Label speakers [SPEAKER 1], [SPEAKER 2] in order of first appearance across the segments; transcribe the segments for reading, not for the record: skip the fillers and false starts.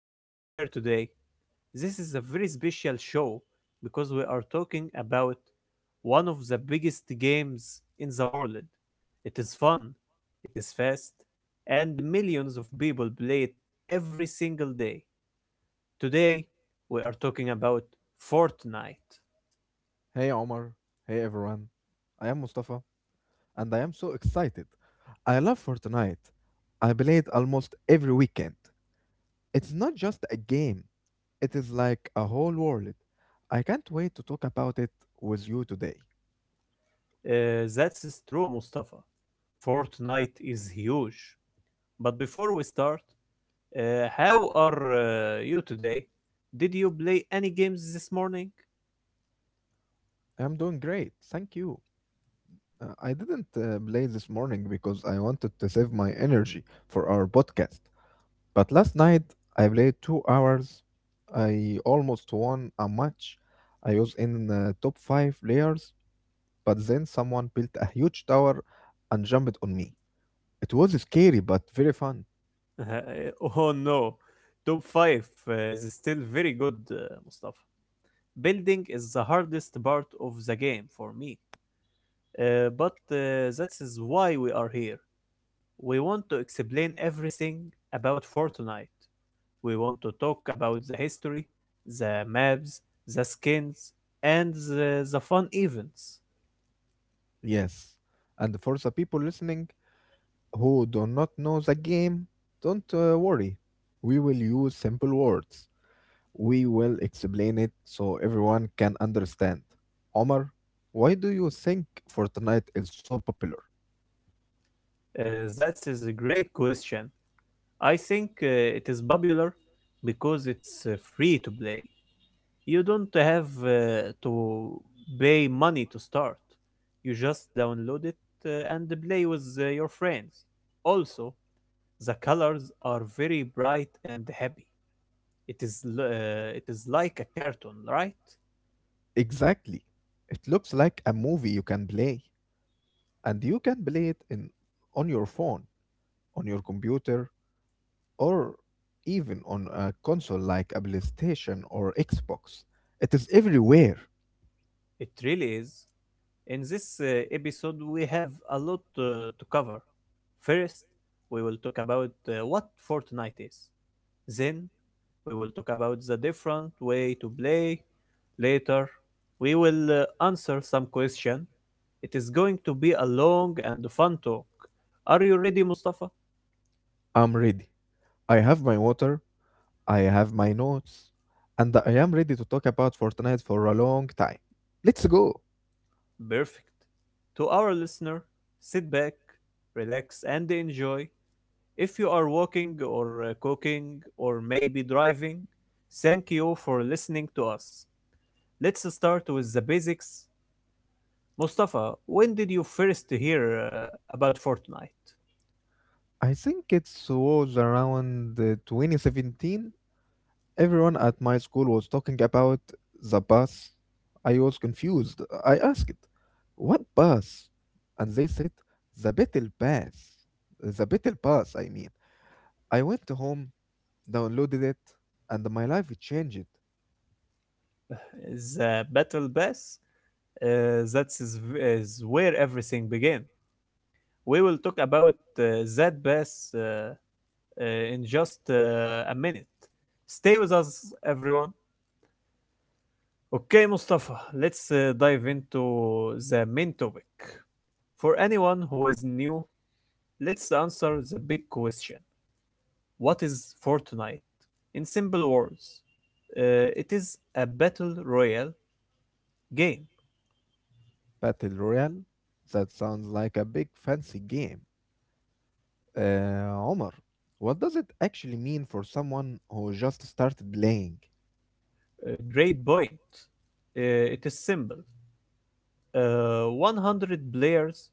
[SPEAKER 1] to be here today. This is a very special show because we are talking about one of the biggest games in the world. It is fun, it is fast, and millions of people play it every single day. Today, we are talking about Fortnite.
[SPEAKER 2] Hey Omar, hey everyone. I am Mustafa and I am so excited. I love Fortnite. I play it almost every weekend. It's not just a game, it is like a whole world. I can't wait to talk about it with you today.
[SPEAKER 1] That's true, Mustafa. Fortnite is huge. But before we start, how are you today? Did you play any games this morning?
[SPEAKER 2] I'm doing great, thank you. I didn't play this morning because I wanted to save my energy for our podcast. But last night I played 2 hours. I almost won a match. I was in top five players, but then someone built a huge tower and jumped on me. It was scary but very fun.
[SPEAKER 1] Oh no, top 5 is still very good, Mustafa. Building is the hardest part of the game for me. But that is why we are here. We want to explain everything about Fortnite. We want to talk about the history, the maps, the skins, and the fun events.
[SPEAKER 2] Yes. And for the people listening who do not know the game, don't worry. We will use simple words. We will explain it so everyone can understand. Omar, why do you think Fortnite is so popular?
[SPEAKER 1] That is a great question. I think it is popular because it's free to play. You don't have to pay money to start. You just download it and play with your friends. Also, the colors are very bright and happy. It is like a cartoon, right?
[SPEAKER 2] Exactly. It looks like a movie you can play, and you can play it in on your phone, on your computer, or even on a console like a PlayStation or Xbox. It is everywhere.
[SPEAKER 1] It really is. In this episode, we have a lot to cover. First, we will talk about what Fortnite is. Then, we will talk about the different way to play. Later, we will answer some question. It is going to be a long and fun talk. Are you ready, Mustafa?
[SPEAKER 2] I'm ready. I have my water, I have my notes, and I am ready to talk about Fortnite for a long time. Let's go.
[SPEAKER 1] Perfect. To our listener, sit back, relax, and enjoy. If you are walking or cooking or maybe driving, thank you for listening to us. Let's start with the basics. Mustafa, when did you first hear about Fortnite?
[SPEAKER 2] I think it was around 2017. Everyone at my school was talking about the bus. I was confused. I asked, "What bus?" And they said, "The Beetle Bus." The Beetle Bus, I mean. I went home, downloaded it, and my life changed.
[SPEAKER 1] The Battle Pass? That is where everything began. We will talk about that pass uh, in just a minute. Stay with us, everyone. Okay, Mustafa, let's dive into the main topic. For anyone who is new, let's answer the big question. What is Fortnite? In simple words, uh, it is a battle royale game.
[SPEAKER 2] Battle Royale? That sounds like a big fancy game. Omar, what does it actually mean for someone who just started playing?
[SPEAKER 1] A great point. It is simple. 100 players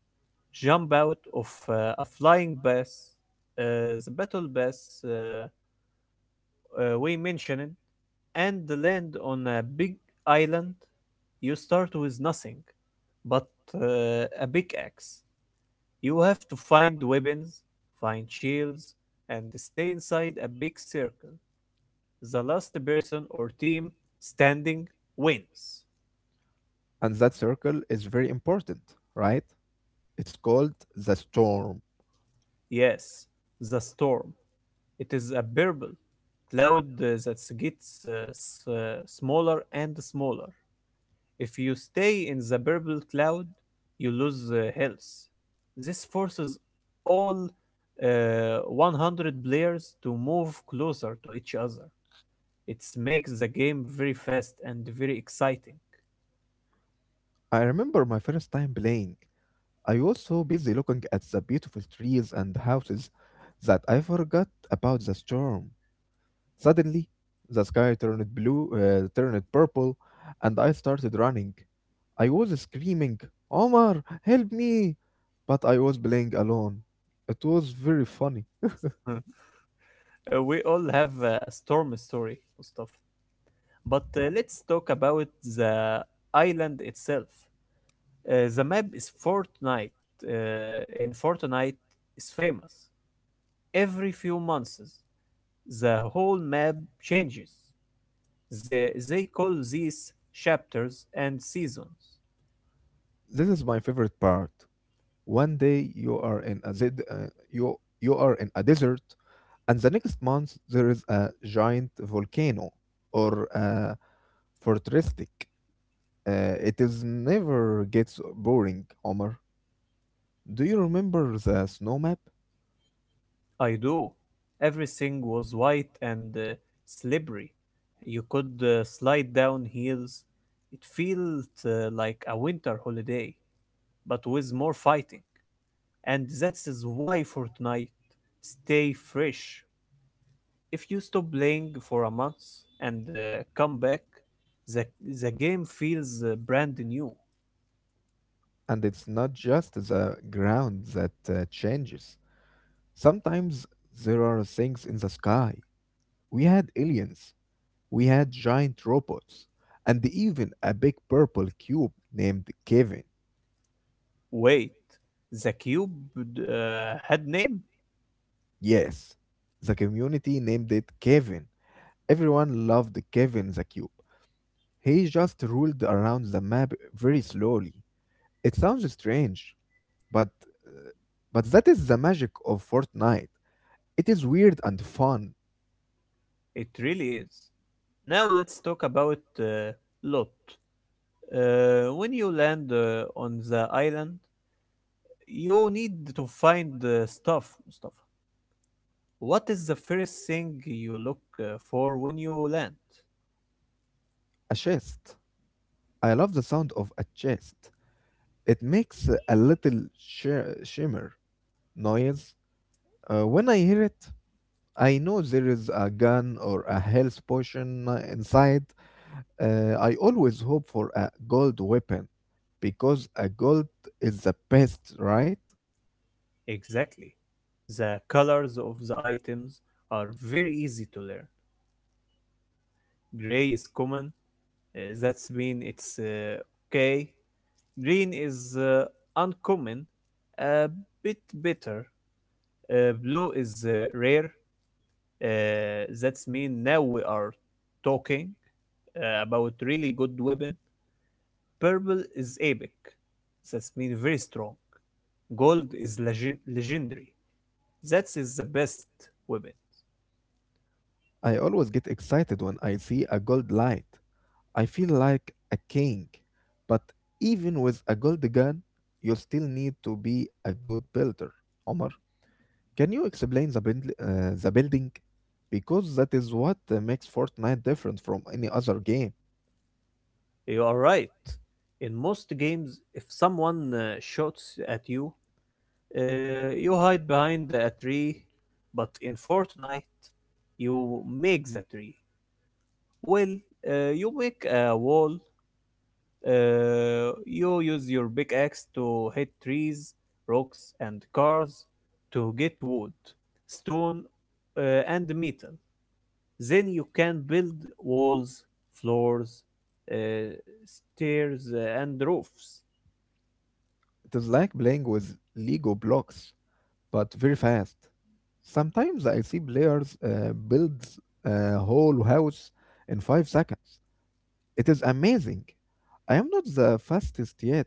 [SPEAKER 1] jump out of a flying bus. The battle bus we mentioned, and land on a big island. You start with nothing but a pickaxe. You have to find weapons, find shields, and stay inside a big circle. The last person or team standing wins.
[SPEAKER 2] And that circle is very important, right? It's called the storm.
[SPEAKER 1] Yes, the storm. It is a purple cloud that gets smaller and smaller. If you stay in the purple cloud, you lose health. This forces all 100 players to move closer to each other. It makes the game very fast and very exciting.
[SPEAKER 2] I remember my first time playing. I was so busy looking at the beautiful trees and houses that I forgot about the storm. Suddenly, the sky turned purple, and I started running. I was screaming, "Omar, help me!" But I was playing alone. It was very funny.
[SPEAKER 1] Huh. We all have a storm story, Mustafa. But let's talk about the island itself. The map is Fortnite, in Fortnite is famous. Every few months, the whole map changes. They call these chapters and seasons.
[SPEAKER 2] This is my favorite part. One day you are in a desert. And the next month, there is a giant volcano or a fortrestic. It is never gets boring, Omar. Do you remember the snow map?
[SPEAKER 1] I do. Everything was white and slippery. You could slide down hills. It felt like a winter holiday, but with more fighting. And that is why Fortnite stay fresh. If you stop playing for a month and come back, the, the game feels brand new.
[SPEAKER 2] And it's not just the ground that changes. Sometimes there are things in the sky. We had aliens, we had giant robots, and even a big purple cube named Kevin.
[SPEAKER 1] Wait, the cube had name?
[SPEAKER 2] Yes, the community named it Kevin. Everyone loved Kevin the Cube. He just rolled around the map very slowly. It sounds strange, but that is the magic of Fortnite. It is weird and fun.
[SPEAKER 1] It really is. Now let's talk about Lot. When you land on the island, you need to find stuff. What is the first thing you look for when you land?
[SPEAKER 2] A chest. I love the sound of a chest. It makes a little shimmer noise. When I hear it, I know there is a gun or a health potion inside. I always hope for a gold weapon because a gold is the best, right?
[SPEAKER 1] Exactly. The colors of the items are very easy to learn. Gray is common. That means it's okay. Green is uncommon, a bit better. Blue is rare. That's mean now we are talking about really good weapon. Purple is epic. That's mean very strong. Gold is legendary. That is the best weapon.
[SPEAKER 2] I always get excited when I see a gold light. I feel like a king. But even with a gold gun, you still need to be a good builder. Omar, can you explain the building? Because that is what makes Fortnite different from any other game.
[SPEAKER 1] You are right. In most games, if someone shoots at you, you hide behind a tree, but in Fortnite, you make the tree. Well, you make a wall. You use your big axe to hit trees, rocks, and cars to get wood, stone, uh, and metal. Then you can build walls, floors, uh, stairs, and roofs.
[SPEAKER 2] It is like playing with Lego blocks, but very fast. Sometimes I see players build a whole house in 5 seconds. It is amazing. I am not the fastest yet,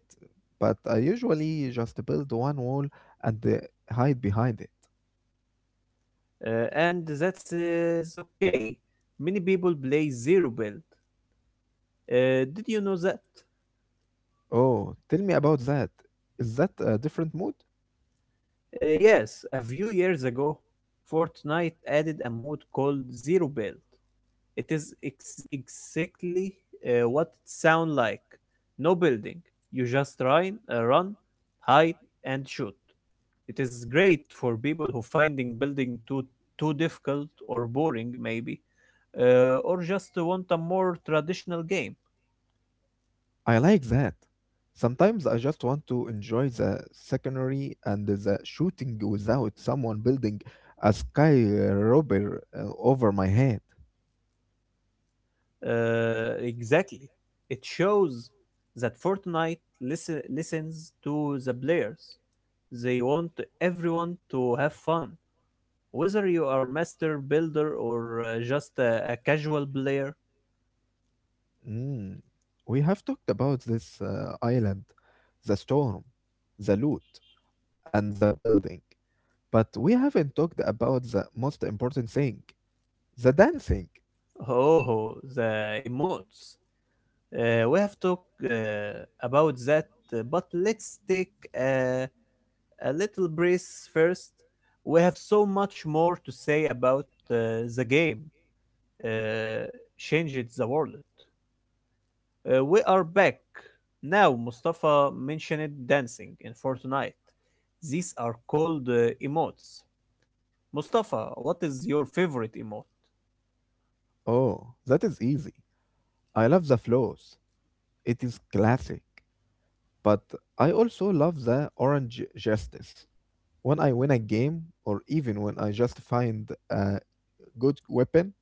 [SPEAKER 2] but I usually just build one wall and hide behind it.
[SPEAKER 1] And that's is okay. Many people play zero build. Did you know that?
[SPEAKER 2] Oh, tell me about that. Is that a different mood?
[SPEAKER 1] Yes, a few years ago, Fortnite added a mode called Zero Build. It is exactly what it sounds like. No building. You just run, hide, and shoot. It is great for people who finding building too difficult or boring, maybe, or just want a more traditional game.
[SPEAKER 2] I like that. Sometimes I just want to enjoy the secondary and the shooting without someone building a sky robber over my head.
[SPEAKER 1] Exactly. It shows that Fortnite listens to the players. They want everyone to have fun, whether you are master builder or just a casual player.
[SPEAKER 2] Mm. We have talked about this island, the storm, the loot, and the building. But we haven't talked about the most important thing the dancing.
[SPEAKER 1] Oh, the emotes. We have talked about that, but let's take a, a little breeze first. We have so much more to say about the game. Uh, Changed the world. We are back. Now, Mustafa mentioned dancing in Fortnite. These are called emotes. Mustafa, what is your favorite emote?
[SPEAKER 2] Oh, that is easy. I love the flows. It is classic. But I also love the orange justice. When I win a game, or even when I just find a good weapon,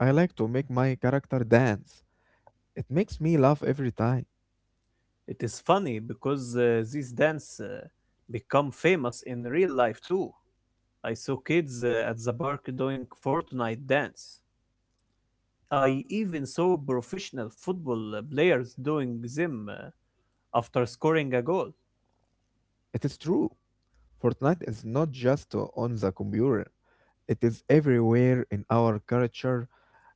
[SPEAKER 2] I like to make my character dance. It makes me laugh every time.
[SPEAKER 1] It is funny because these dance become famous in real life too. I saw kids at the park doing Fortnite dance. I even saw professional football players doing them after scoring a goal.
[SPEAKER 2] It is true. Fortnite is not just on the computer, it is everywhere in our culture,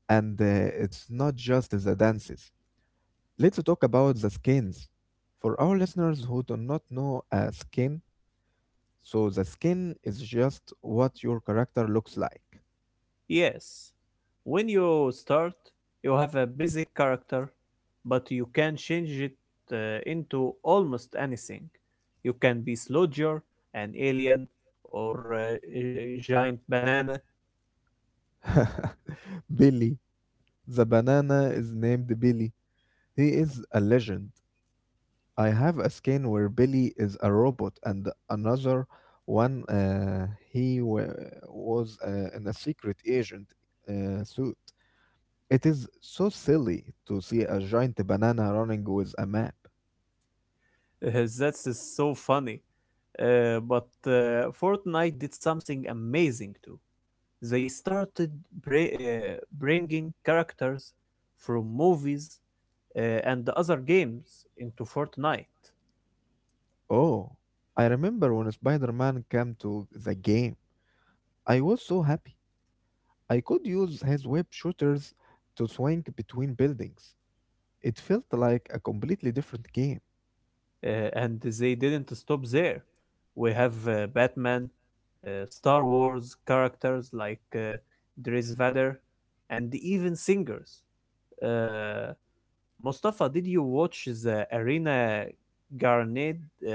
[SPEAKER 2] and it's not just the dances. Let's talk about the skins. For our listeners who do not know a skin, so the skin is just what your character looks like.
[SPEAKER 1] Yes, when you start, you have a basic character, but you can change it into almost anything. You can be Sludger, an alien, or a giant banana.
[SPEAKER 2] Billy, the banana is named Billy. He is a legend. I have a skin where Billy is a robot and another one uh, he wa- was in a secret agent suit. It is so silly to see a giant banana running with a map.
[SPEAKER 1] That's just so funny. But Fortnite did something amazing too. They started bringing characters from movies and other games into Fortnite.
[SPEAKER 2] Oh, I remember when Spider-Man came to the game. I was so happy. I could use his web shooters to swing between buildings. It felt like a completely different game.
[SPEAKER 1] And they didn't stop there. We have Batman, Star Wars characters like Dries Vader, and even singers. Uh, Mustafa, did you watch the Arena Garnet, uh,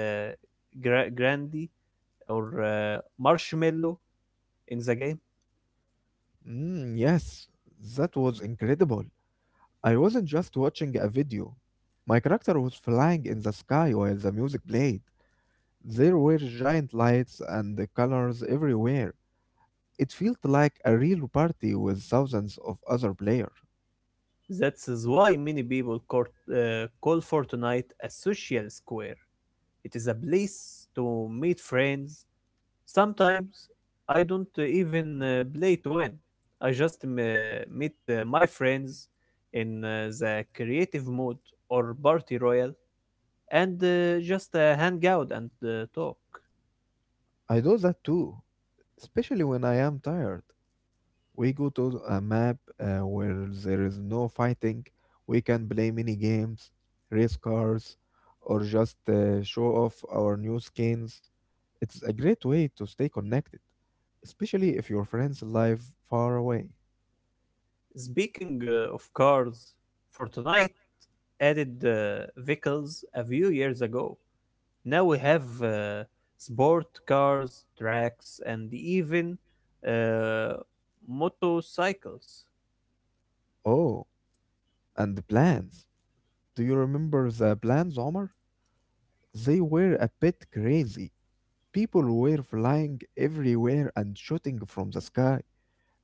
[SPEAKER 1] Grandi, or Marshmallow in the game?
[SPEAKER 2] Mm, yes, that was incredible. I wasn't just watching a video. My character was flying in the sky while the music played. There were giant lights and the colors everywhere. It felt like a real party with thousands of other players.
[SPEAKER 1] That is why many people call Fortnite a social square. It is a place to meet friends. Sometimes I don't even play to win. I just meet my friends in the creative mode or party royal and just hang out and talk.
[SPEAKER 2] I do that too, especially when I am tired. We go to a map where there is no fighting. We can play mini games, race cars, or just show off our new skins. It's a great way to stay connected, especially if your friends live far away.
[SPEAKER 1] Speaking of cars, Fortnite added vehicles a few years ago. Now we have sport cars, tracks, and even uh, motorcycles.
[SPEAKER 2] Oh, and the plans. Do you remember the plans, Omar? They were a bit crazy. People were flying everywhere and shooting from the sky.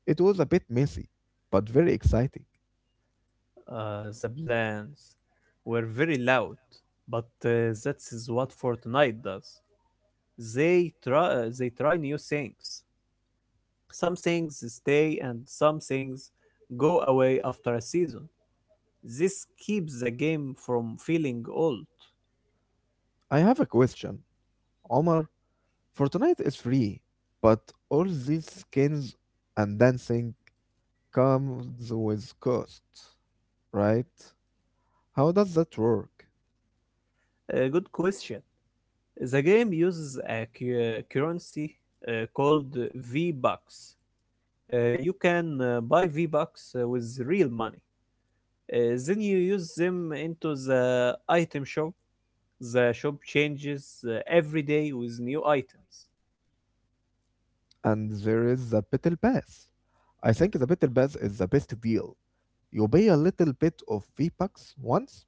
[SPEAKER 2] It was a bit messy, but very exciting.
[SPEAKER 1] The plans were very loud, but that is what Fortnite does. They try new things. Some things stay and some things go away after a season. This keeps the game from feeling old.
[SPEAKER 2] I have a question, Omar. Fortnite is free, but all these skins and dancing comes with costs, right? How does that work?
[SPEAKER 1] A good question. The game uses a currency called V-Bucks. You can buy V-Bucks with real money. Uh, then you use them into the item shop. The shop changes every day with new items.
[SPEAKER 2] And there is the Battle Pass. I think the Battle Pass is the best deal. You pay a little bit of V-Bucks once.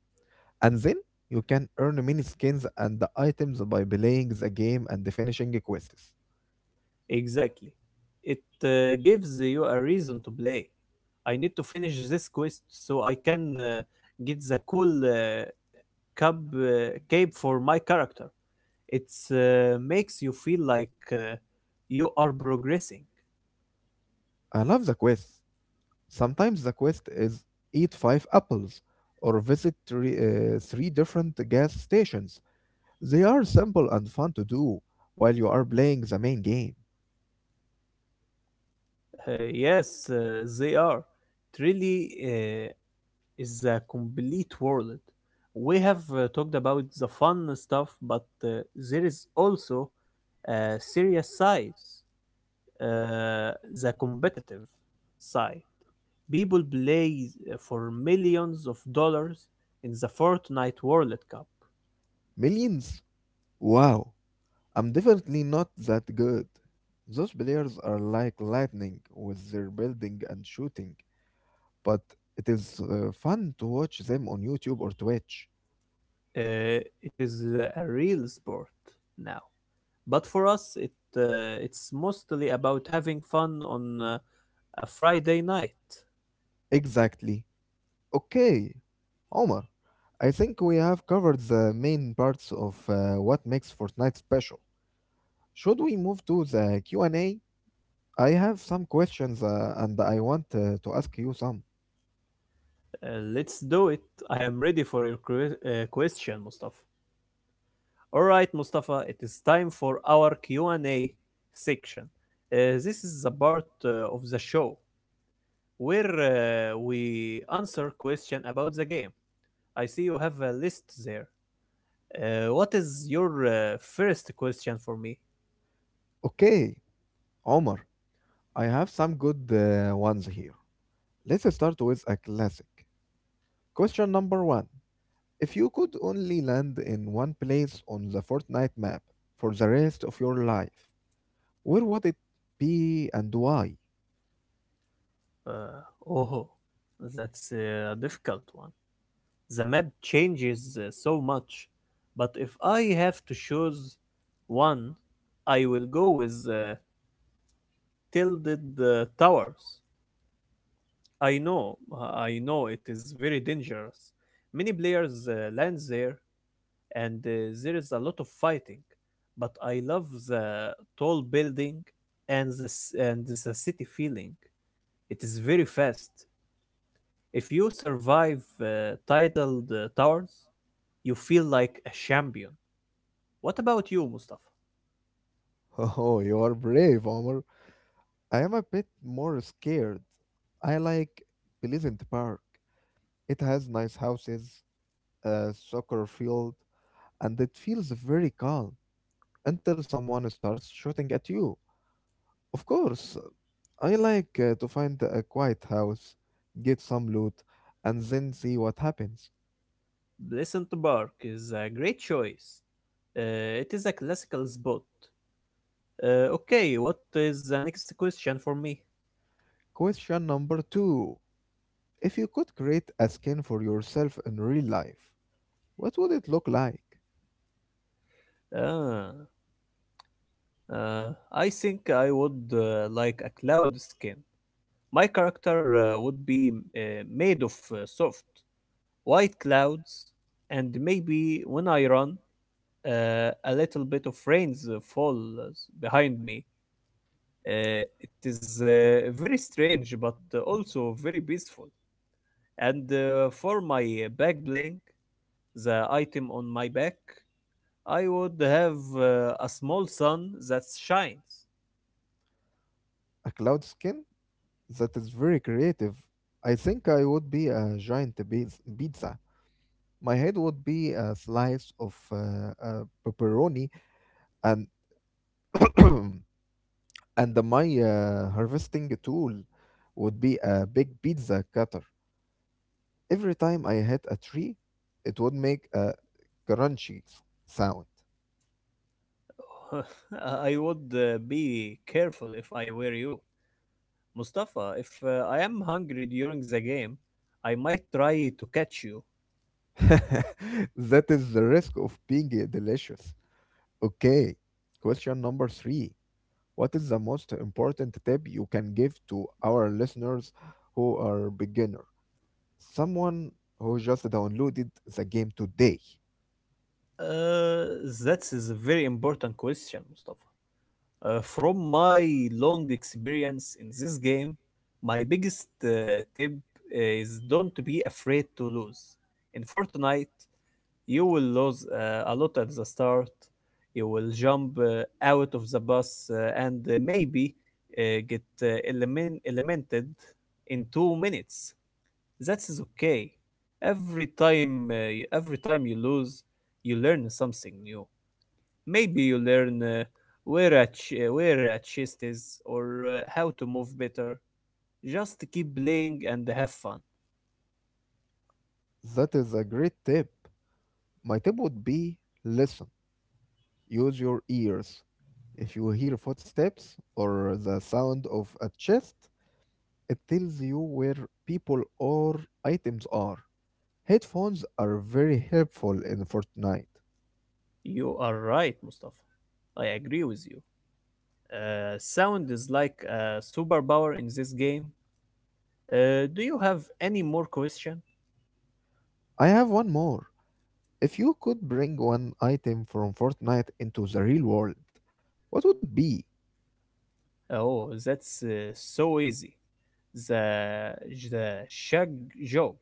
[SPEAKER 2] And then you can earn many skins and the items by playing the game and finishing quests.
[SPEAKER 1] Exactly. It gives you a reason to play. I need to finish this quest so I can get the cool cape for my character. It makes you feel like you are progressing.
[SPEAKER 2] I love the quests. Sometimes the quest is eat five apples or visit three different gas stations. They are simple and fun to do while you are playing the main game.
[SPEAKER 1] Yes, they are. It really is a complete world. We have talked about the fun stuff, but there is also serious sides, uh, the competitive side. People play for millions of dollars in the Fortnite World Cup.
[SPEAKER 2] Millions? Wow, I'm definitely not that good. Those players are like lightning with their building and shooting, but it is fun to watch them on YouTube or Twitch.
[SPEAKER 1] It is a real sport now, but for us, it's mostly about having fun on a Friday night.
[SPEAKER 2] Exactly. Okay, Omar, I think we have covered the main parts of what makes Fortnite special. Should we move to the Q and A? I have some questions and I want to ask you some.
[SPEAKER 1] Let's do it. I am ready for your question, Mustafa. All right, Mustafa, it is time for our Q&A section. This is the part of the show where we answer question about the game. I see you have a list there. What is your first question for me?
[SPEAKER 2] Okay, Omar, I have some good ones here. Let's start with a classic. Question number one. If you could only land in one place on the Fortnite map for the rest of your life, where would it be and why?
[SPEAKER 1] Oh, that's a difficult one. The map changes so much, but if I have to choose one, I will go with Tilted Towers. I know it is very dangerous. Many players land there, and there is a lot of fighting. But I love the tall building and and the city feeling. It is very fast. If you survive tidal towers, you feel like a champion. What about you, Mustafa?
[SPEAKER 2] Oh, you are brave, Omar. I am a bit more scared. I like Pleasant Park. It has nice houses, a soccer field, and it feels very calm until someone starts shooting at you. Of course, I like to find a quiet house, get some loot, and then see what happens.
[SPEAKER 1] Pleasant Park is a great choice. It is a classical spot. Okay, what is the next question for me?
[SPEAKER 2] Question number two. If you could create a skin for yourself in real life, what would it look like?
[SPEAKER 1] Ah. I think I would like a cloud skin. My character would be made of soft, white clouds, and maybe when I run, a little bit of rains falls behind me. It is very strange, but also very peaceful. And for my back blink, the item on my back, I would have a small sun that shines.
[SPEAKER 2] A cloud skin? That is very creative. I think I would be a giant pizza. My head would be a slice of pepperoni, and and my harvesting tool would be a big pizza cutter. Every time I hit a tree, it would make a crunchy sound.
[SPEAKER 1] I would be careful if I were you. Mustafa, if I am hungry during the game, I might try to catch you.
[SPEAKER 2] That is the risk of being delicious. Okay, question number three. What is the most important tip you can give to our listeners who are beginner? Someone who just downloaded the game today.
[SPEAKER 1] Uh, that is a very important question, Mustafa. From my long experience in this game, my biggest tip is don't be afraid to lose. In Fortnite, you will lose a lot at the start. You will jump out of the bus and maybe get eliminated in 2 minutes. That is okay. Every time you lose, you learn something new. Maybe you learn where a chest is, or how to move better. Just keep playing and have fun.
[SPEAKER 2] That is a great tip. My tip would be listen, use your ears. If you hear footsteps or the sound of a chest, it tells you where people or items are. Headphones are very helpful in Fortnite.
[SPEAKER 1] You are right, Mustafa. I agree with you. Sound is like a superpower in this game. Do you have any more question?
[SPEAKER 2] I have one more. If you could bring one item from Fortnite into the real world, what would it be?
[SPEAKER 1] Oh, that's so easy. The the shag joke.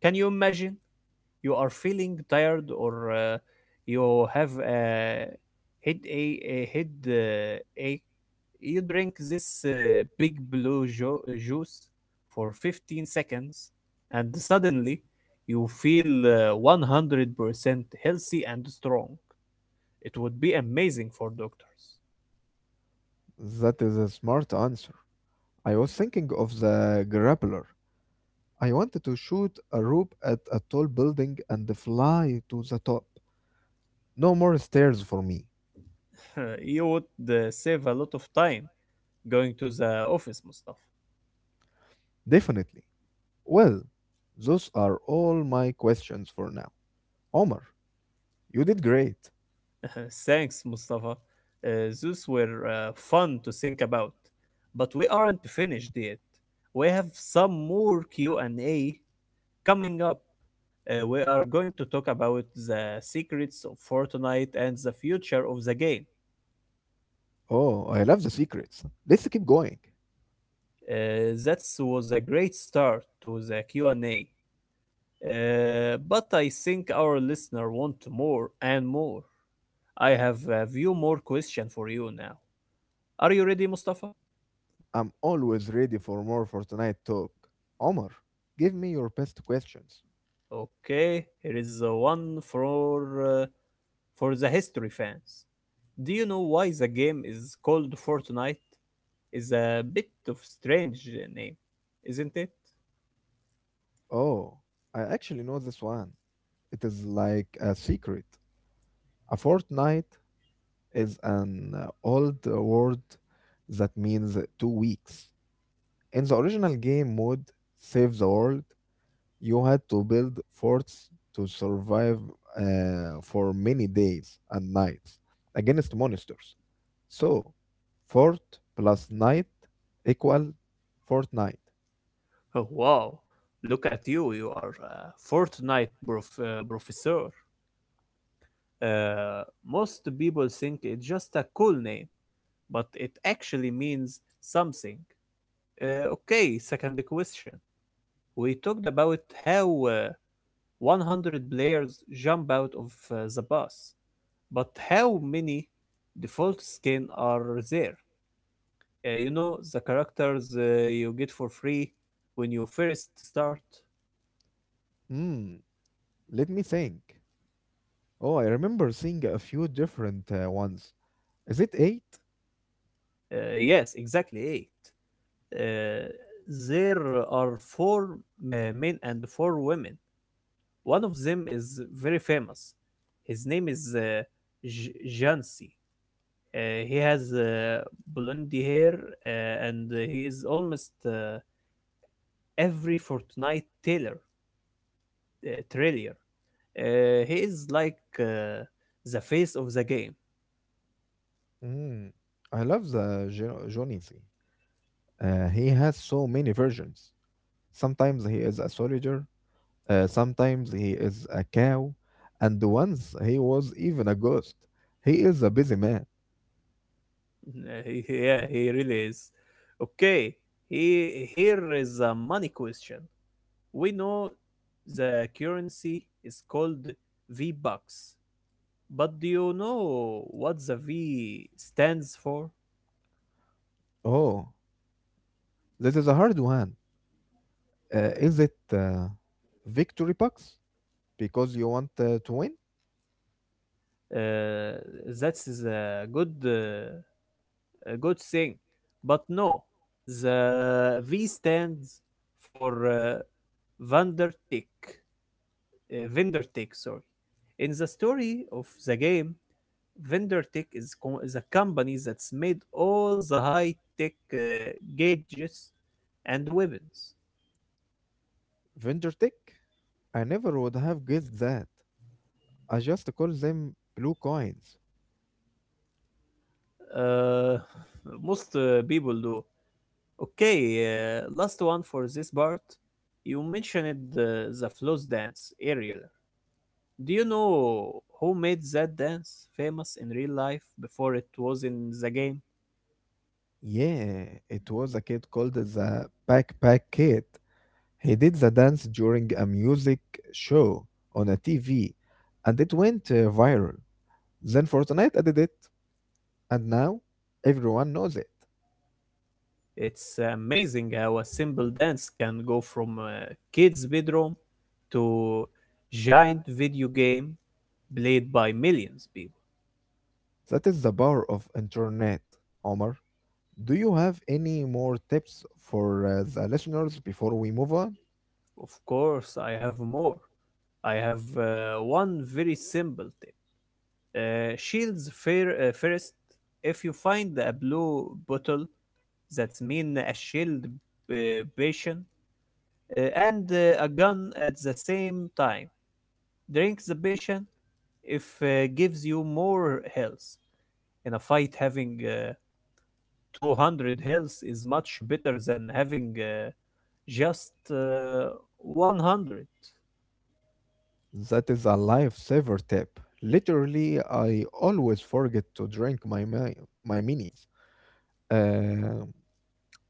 [SPEAKER 1] Can you imagine? You are feeling tired, or you have a head a, head ache. You drink this big blue juice for 15 seconds, and suddenly you feel 100% healthy and strong. It would be amazing for doctors.
[SPEAKER 2] That is a smart answer. I was thinking of the grappler. I wanted to shoot a rope at a tall building and fly to the top. No more stairs for me.
[SPEAKER 1] You would save a lot of time going to the office, Mustafa.
[SPEAKER 2] Definitely. Well, those are all my questions for now. Omar, you did great.
[SPEAKER 1] Thanks, Mustafa. Those were fun to think about, but we aren't finished yet. We have some more Q&A coming up. We are going to talk about the secrets of Fortnite and the future of the game.
[SPEAKER 2] Oh, I love the secrets. Let's keep going.
[SPEAKER 1] That was a great start to the Q&A. But I think our listener want more and more. I have a few more questions for you now. Are you ready, Mustafa?
[SPEAKER 2] I'm always ready for more Fortnite talk. Omar, give me your best questions.
[SPEAKER 1] Okay, here is the one uh, for the history fans. Do you know why the game is called Fortnite? Is a bit of strange name, isn't it?
[SPEAKER 2] Oh, I actually know this one. It is like a secret. A fortnight is an old word that means 2 weeks. In the original game mode, Save the World, you had to build forts to survive for many days and nights against monsters. So, fort plus night equal fortnight.
[SPEAKER 1] Oh, wow, look at you, you are a Fortnite professor. Uh, most people think it's just a cool name, but it actually means something. Okay, second question. We talked about how 100 players jump out of the bus, but how many default skin are there? You know, the characters you get for free when you first start?
[SPEAKER 2] Hmm, let me think. Oh, I remember seeing a few different ones. Is it eight?
[SPEAKER 1] Yes, exactly eight. Uh, there are four men and four women. One of them is very famous. His name is Jansi. He has blonde hair and he is almost every fortnight uh, trailer. He is like the face of the game.
[SPEAKER 2] Hmm, I love the Johnny C. He has so many versions. Sometimes he is a soldier, sometimes he is a cow, and once he was even a ghost. He is a busy man.
[SPEAKER 1] Yeah, he really is. Okay, here is a money question. We know the currency is called V-Bucks. But do you know what the V stands for?
[SPEAKER 2] Oh, this is a hard one. Is it victory box? Because you want to win
[SPEAKER 1] Uh, that is a good thing. But no, the V stands for Vandertick. Vandertick, sorry. In the story of the game, Vandertick is a company that's made all the high-tech gauges and weapons.
[SPEAKER 2] vendor tech. I never would have guessed that. I just call them blue coins.
[SPEAKER 1] Uh, Most people do. Okay, last one for this part. You mentioned the floss dance, aerial. Do you know who made that dance famous in real life before it was in the game?
[SPEAKER 2] Yeah, it was a kid called the backpack kid. He did the dance during a music show on a TV, and it went viral. Then Fortnite added it. And now everyone knows it.
[SPEAKER 1] It's amazing how a simple dance can go from a kid's bedroom to giant video game played by millions people.
[SPEAKER 2] That is the power of internet. Omar, do you have any more tips for the listeners before we move on?
[SPEAKER 1] Of course, I have more. I have one very simple tip. Shields first. If you find a blue bottle, that's mean a shield uh, potion and a gun at the same time. Drink the potion if gives you more health. In a fight, having 200 health is much better than having just 100.
[SPEAKER 2] That is a lifesaver tip. Literally, I always forget to drink my minis. Uh,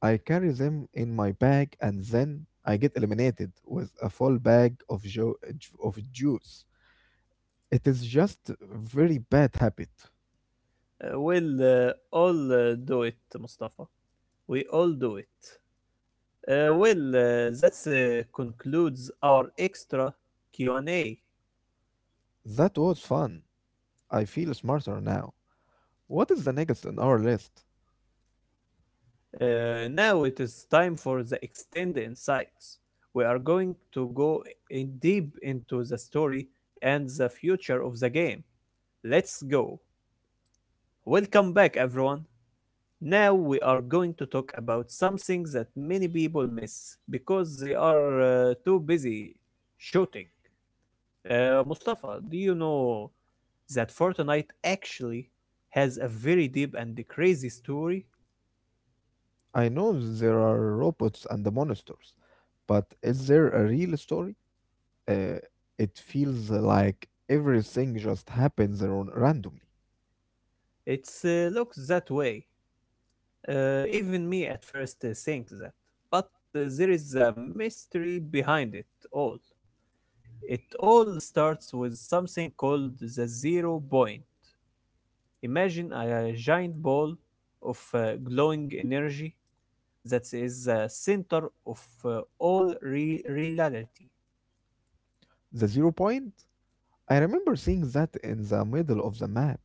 [SPEAKER 2] I carry them in my bag, and then I get eliminated with a full bag of juice. It is just very bad habit.
[SPEAKER 1] We'll all do it, Mustafa. We all do it. Well, that concludes our extra Q&A.
[SPEAKER 2] That was fun. I feel smarter now. What is the next on our list?
[SPEAKER 1] Now it is time for the extended insights. We are going to go in deep into the story and the future of the game. Let's go. Welcome back, everyone. Now we are going to talk about something that many people miss because they are too busy shooting. Mustafa, do you know is that Fortnite actually has a very deep and crazy story.
[SPEAKER 2] I know there are robots and the monsters, but is there a real story? Uh, it feels like everything just randomly.
[SPEAKER 1] It looks that way. Even me at first think that. But there is a mystery behind it all. It all starts with something called the zero point. Imagine a giant ball of glowing energy that is the center of reality.
[SPEAKER 2] The zero point? I remember seeing that in the middle of the map.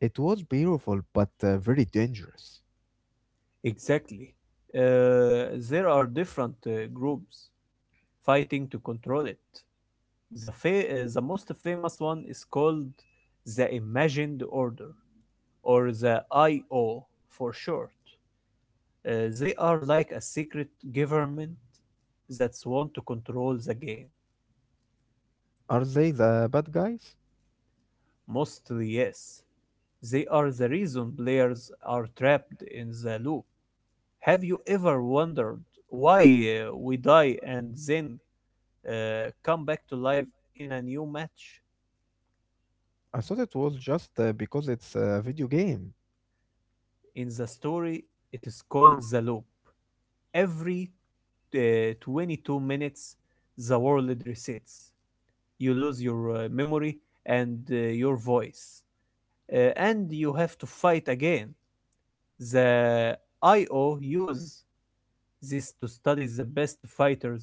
[SPEAKER 2] It was beautiful, but very dangerous.
[SPEAKER 1] Exactly. There are different groups fighting to control it. The most famous one is called the Imagined Order, or the IO for short. They are like a secret government that's want to control the game.
[SPEAKER 2] Are they the bad guys?
[SPEAKER 1] Mostly, yes. They are the reason players are trapped in the loop. Have you ever wondered why we die and then come back to life in a new match?
[SPEAKER 2] I thought it was just because it's a video game.
[SPEAKER 1] In the story, it is called the loop. Every 22 minutes the world resets. You lose your memory and your voice, and you have to fight again. The IO use this to study the best fighters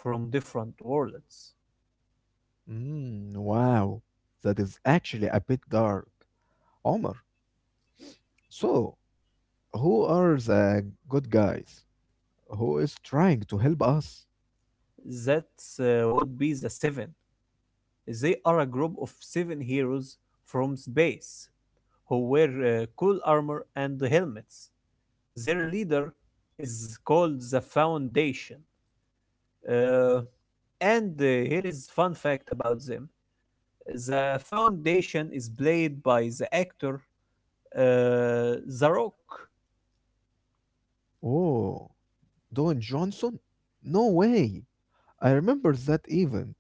[SPEAKER 1] from different worlds.
[SPEAKER 2] Mm, wow, that is actually a bit dark. Omar, so who are the good guys? Who is trying to help us?
[SPEAKER 1] That would be the Seven. They are a group of seven heroes from space who wear cool armor and helmets. Their leader is called the Foundation. Uh, and here is fun fact about them. The Foundation is played by the actor The Rock.
[SPEAKER 2] Oh, Don Johnson? No way. I remember that event.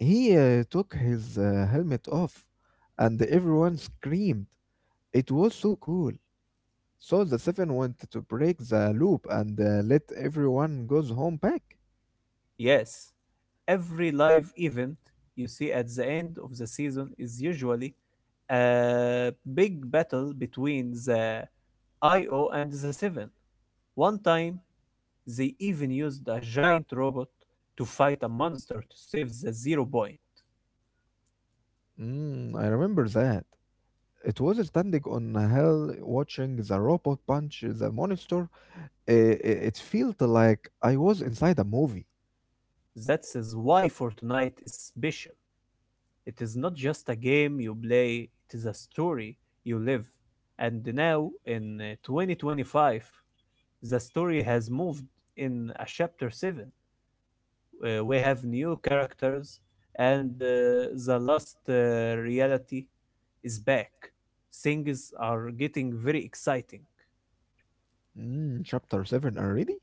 [SPEAKER 2] He took his helmet off and everyone screamed. It was so cool. So the seven went to break the loop and let everyone goes home back.
[SPEAKER 1] Yes, every live event you see at the end of the season is usually a big battle between the IO and the Seven. One time, they even used a giant robot to fight a monster to save the Zero Point.
[SPEAKER 2] Mm, I remember that. It was standing on a hill watching the robot punch the monster. I- It felt like I was inside a movie.
[SPEAKER 1] That is why Fortnite is special. It is not just a game you play, it is a story you live. And now, in 2025, the story has moved in a chapter 7. We have new characters, and the last reality is back. Things are getting very exciting.
[SPEAKER 2] Mm, chapter 7 already?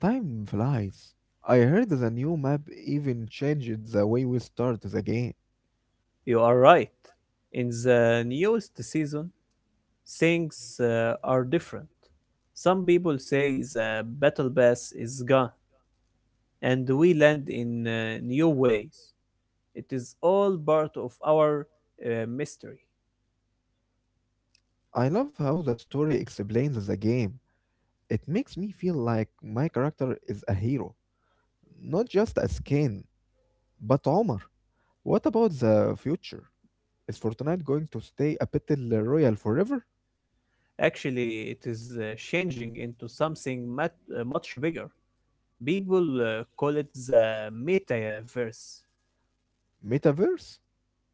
[SPEAKER 2] Time flies. I heard the new map even changed the way we start the game.
[SPEAKER 1] You are right. In the newest season, things are different. Some people say the battle pass is gone, and we land in new ways. It is all part of our mystery.
[SPEAKER 2] I love how the story explains the game. It makes me feel like my character is a hero, not just a skin. But Omar, what about the future? Is Fortnite going to stay a battle royale forever?
[SPEAKER 1] Actually, it is changing into something much bigger. People call it the metaverse.
[SPEAKER 2] Metaverse?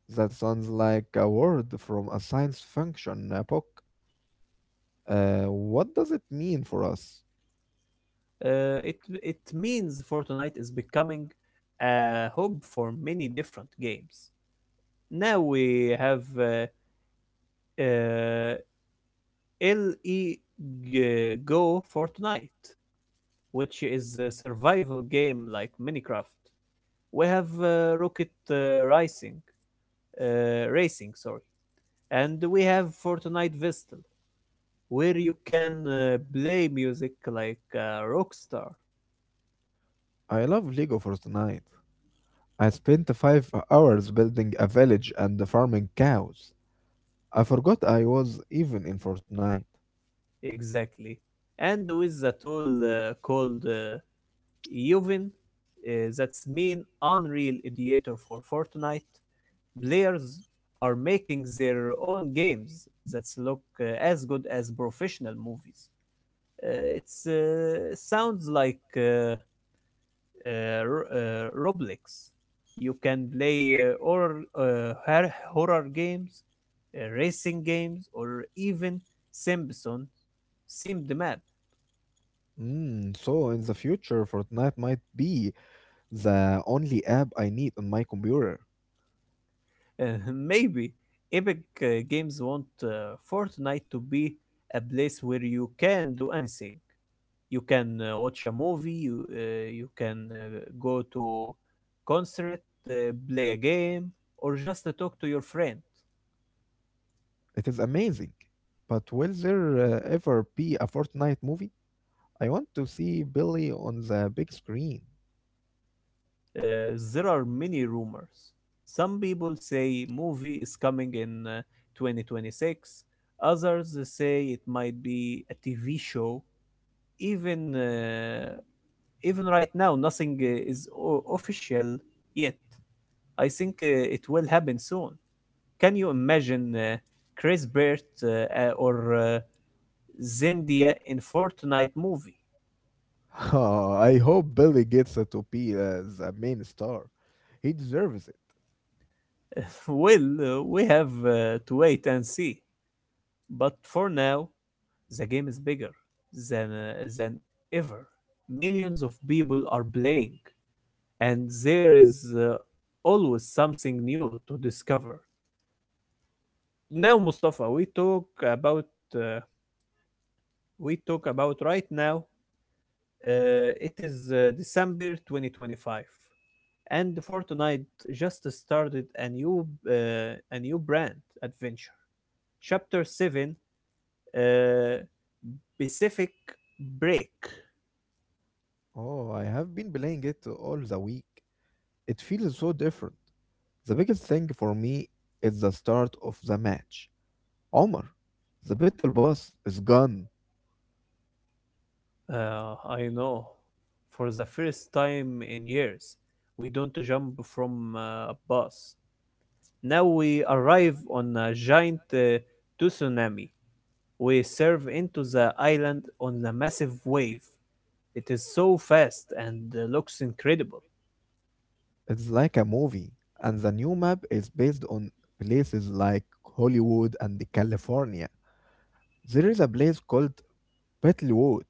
[SPEAKER 2] That sounds like a word from a science fiction book. What does it mean for us?
[SPEAKER 1] Uh, it it means Fortnite is becoming a hub for many different games. Now we have uh, LE Go Fortnite, which is a survival game like Minecraft. We have Rocket Racing, sorry, and we have Fortnite Vestal, where you can play music like a rock.
[SPEAKER 2] I love Lego Fortnite. I spent 5 hours building a village and farming cows. I forgot I was even in Fortnite.
[SPEAKER 1] Exactly, and with a tool called Yuvin, uh, that's mean Unreal Editor for Fortnite. Players are making their own games that look as good as professional movies. It sounds like uh, Roblox. You can play horror games, racing games, or even Simpson themed map.
[SPEAKER 2] Mm, so in the future, Fortnite might be the only app I need on my computer.
[SPEAKER 1] Maybe Epic Games want Fortnite to be a place where you can do anything. You can watch a movie. You can go to concert, play a game, or just talk to your friend.
[SPEAKER 2] It is amazing. But will there ever be a Fortnite movie? I want to see Billy on the big screen.
[SPEAKER 1] There are many rumors. Some people say movie is coming in 2026. Others say it might be a TV show. Even uh, even right now, nothing is official yet. I think it will happen soon. Can you imagine Chris Bert or Zendaya in Fortnite movie?
[SPEAKER 2] Oh, I hope Billy gets to be the main star. He deserves it.
[SPEAKER 1] Well, we have to wait and see. But for now, the game is bigger than ever. Millions of people are playing, and there is always something new to discover. Now, Mustafa, uh, we talk about right now. It is December 2025, and Fortnite just started a new brand adventure. Chapter seven, uh, Pacific Break.
[SPEAKER 2] Oh, I have been playing it all the week. It feels so different. The biggest thing for me is the start of the match. Omar, the battle boss is gone.
[SPEAKER 1] I know. For the first time in years, we don't jump from a bus. Now we arrive on a giant tsunami. We serve into the island on a massive wave. It is so fast and looks incredible.
[SPEAKER 2] It's like a movie. And the new map is based on places like Hollywood and California. There is a place called Battlewood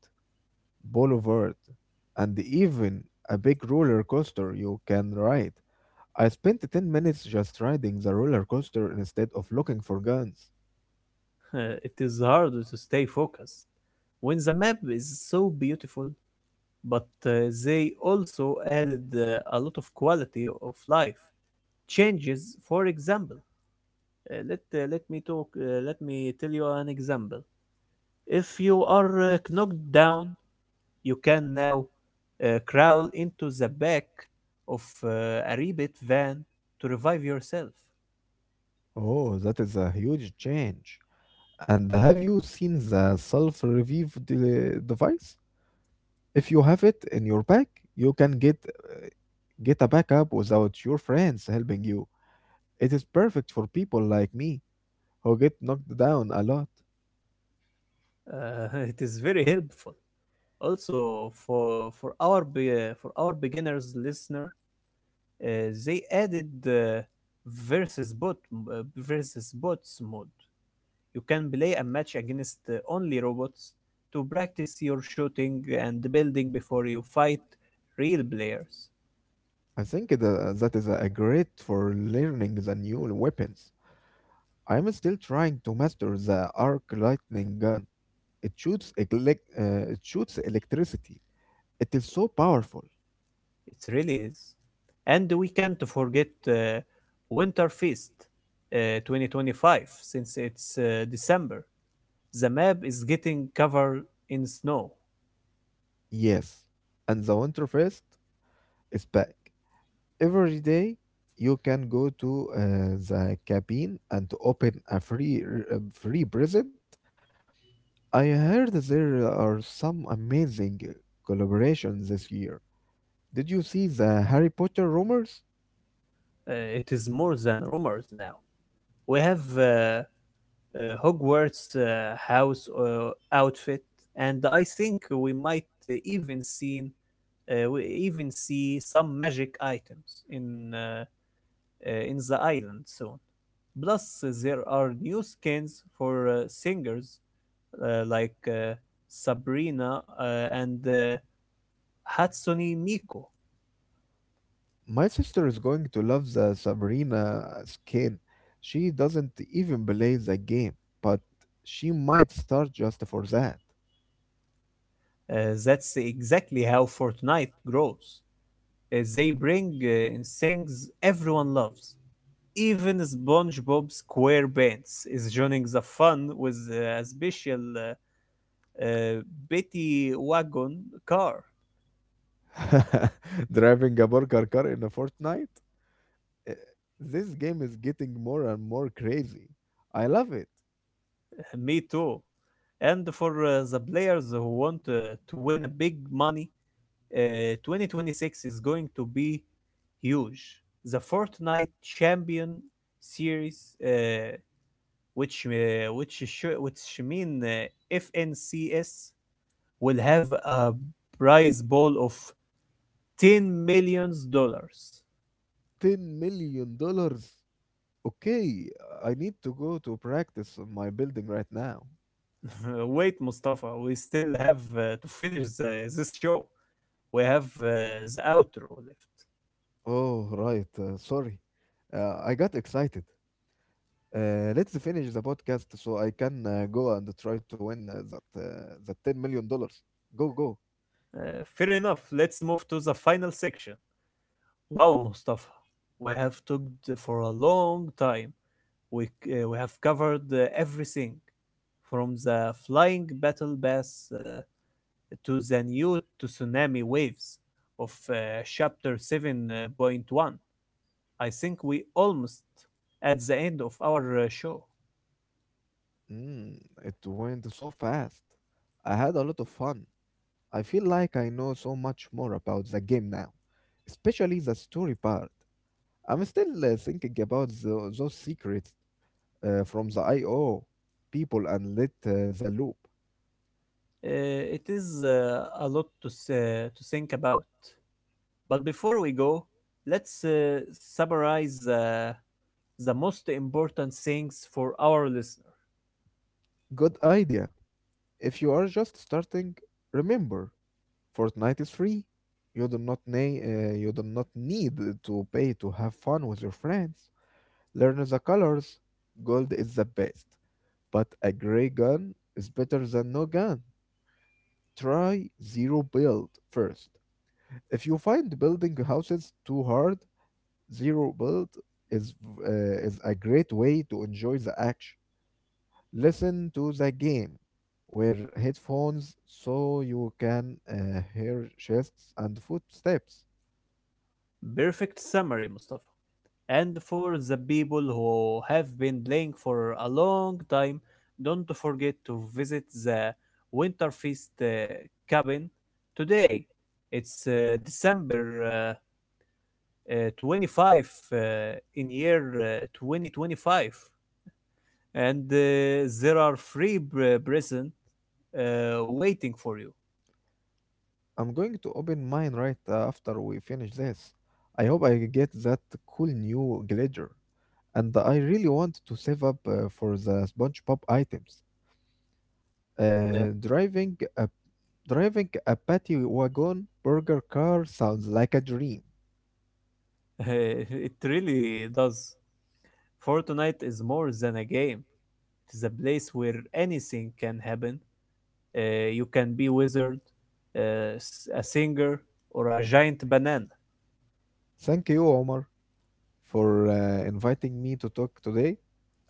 [SPEAKER 2] Boulevard, and even a big roller coaster you can ride. I spent 10 minutes just riding the roller coaster instead of looking for guns.
[SPEAKER 1] It is hard to stay focused when the map is so beautiful, but they also added a lot of quality of life changes. For example, let me talk. Let me tell you an example. If you are knocked down, you can now crawl into the back of a rebit van to revive yourself.
[SPEAKER 2] Oh, that is a huge change. And have you seen the device? If you have it in your bag, you can get a backup without your friends helping you. It is perfect for people like me who get knocked down a lot.
[SPEAKER 1] It is very helpful. Also, for our beginners listener, uh, they added the versus bot versus bots mode. You can play a match against only robots to practice your shooting and building before you fight real players.
[SPEAKER 2] I think that is a great for learning the new weapons. I am still trying to master the arc lightning gun. It it shoots electricity. It is so powerful.
[SPEAKER 1] It really is. And we can't forget Winter Feast 2025 since it's December. The map is getting covered in snow.
[SPEAKER 2] Yes, and the Winterfest is back. Every day you can go to the cabin and open a free present. I heard there are some amazing collaborations this year. Did you see the Harry Potter rumors?
[SPEAKER 1] It is more than rumors now. We have Hogwarts house outfit, and I think we might even seen we even see some magic items in in the island soon. Plus, there are new skins for singers like Sabrina and Hatsune Miku.
[SPEAKER 2] My sister is going to love the Sabrina skin. She doesn't even play the game, but she might start just for
[SPEAKER 1] That's exactly how Fortnite grows. They bring things everyone loves. Even SpongeBob SquarePants is joining the fun with a special uh, Betty wagon car.
[SPEAKER 2] that. Driving a burger car in a fortnight? Uh, This game is getting more and more crazy. I love it.
[SPEAKER 1] Me too. And for the players who want to win a big money, 2026 is going to be huge. The Fortnite Champion Series, uh, which which mean FNCS, will have a prize ball of $10 million.
[SPEAKER 2] 10 million dollars. Okay, I need to go to practice on my building right now.
[SPEAKER 1] Wait, Mustafa, we still have to finish this show. We have the outro left.
[SPEAKER 2] Oh, right. Sorry. I got excited. Let's finish the podcast so I can go and try to win that 10 million dollars. Go, go.
[SPEAKER 1] Uh, fair enough, let's move to the final section. Wow, Mustafa, we have talked for a long time. We, we have covered everything from the flying battle bass to the new tsunami waves of chapter 7.1. I think we almost at the end of our show.
[SPEAKER 2] Mm, it went so fast. I had a lot of fun. I feel like I know so much more about the game now, especially the story part. I'm still thinking about those secrets from the IO people and let the loop.
[SPEAKER 1] It is a lot to think about. But before we go, let's summarize the most important things for our listener.
[SPEAKER 2] Good idea. If you are just starting, remember, Fortnite is free. You do not ne- you do not need to pay to have fun with your friends. Learn the colors. Gold is the best. But a grey gun is better than no gun. Try zero build first. If you find building houses too hard, zero build is is a great way to enjoy the action. Listen to the game, wear headphones so you can hear chests and footsteps.
[SPEAKER 1] Perfect summary, Mustafa. And for the people who have been playing for a long time, don't forget to visit the Winterfest cabin today. It's December 25, uh, in year 2025, and there are free present waiting for you.
[SPEAKER 2] I'm going to open mine right after we finish this. I hope I get that cool new glider. And I really want to save up for the SpongeBob items.
[SPEAKER 1] Yeah.
[SPEAKER 2] Driving a patty wagon burger car sounds like a dream.
[SPEAKER 1] It really does. Fortnite is more than a game. It is a place where anything can happen. You can be wizard, a singer, or a giant banana.
[SPEAKER 2] Thank you, Omar, for inviting me to talk today,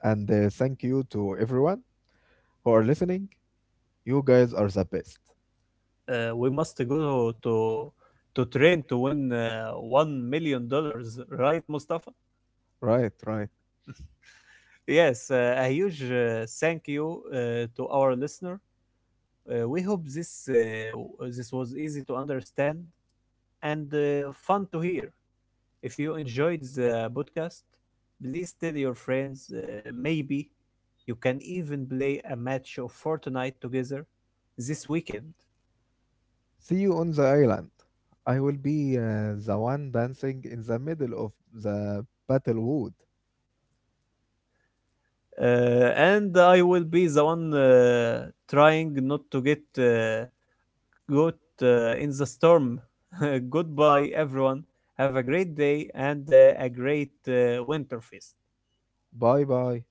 [SPEAKER 2] and thank you to everyone who are listening. You guys are the best.
[SPEAKER 1] We must go to train to win $1 million, right, Mustafa?
[SPEAKER 2] Right, right.
[SPEAKER 1] Yes, a huge thank you to our listener. We hope this was easy to understand and fun to hear. If you enjoyed the podcast, please tell your friends. Maybe you can even play a match of Fortnite together this weekend.
[SPEAKER 2] See you on the island. I will be the one dancing in the middle of the battle wood.
[SPEAKER 1] And I will be the one trying not to get Good in the storm. Goodbye, everyone. Have a great day and a great winter feast.
[SPEAKER 2] Bye bye.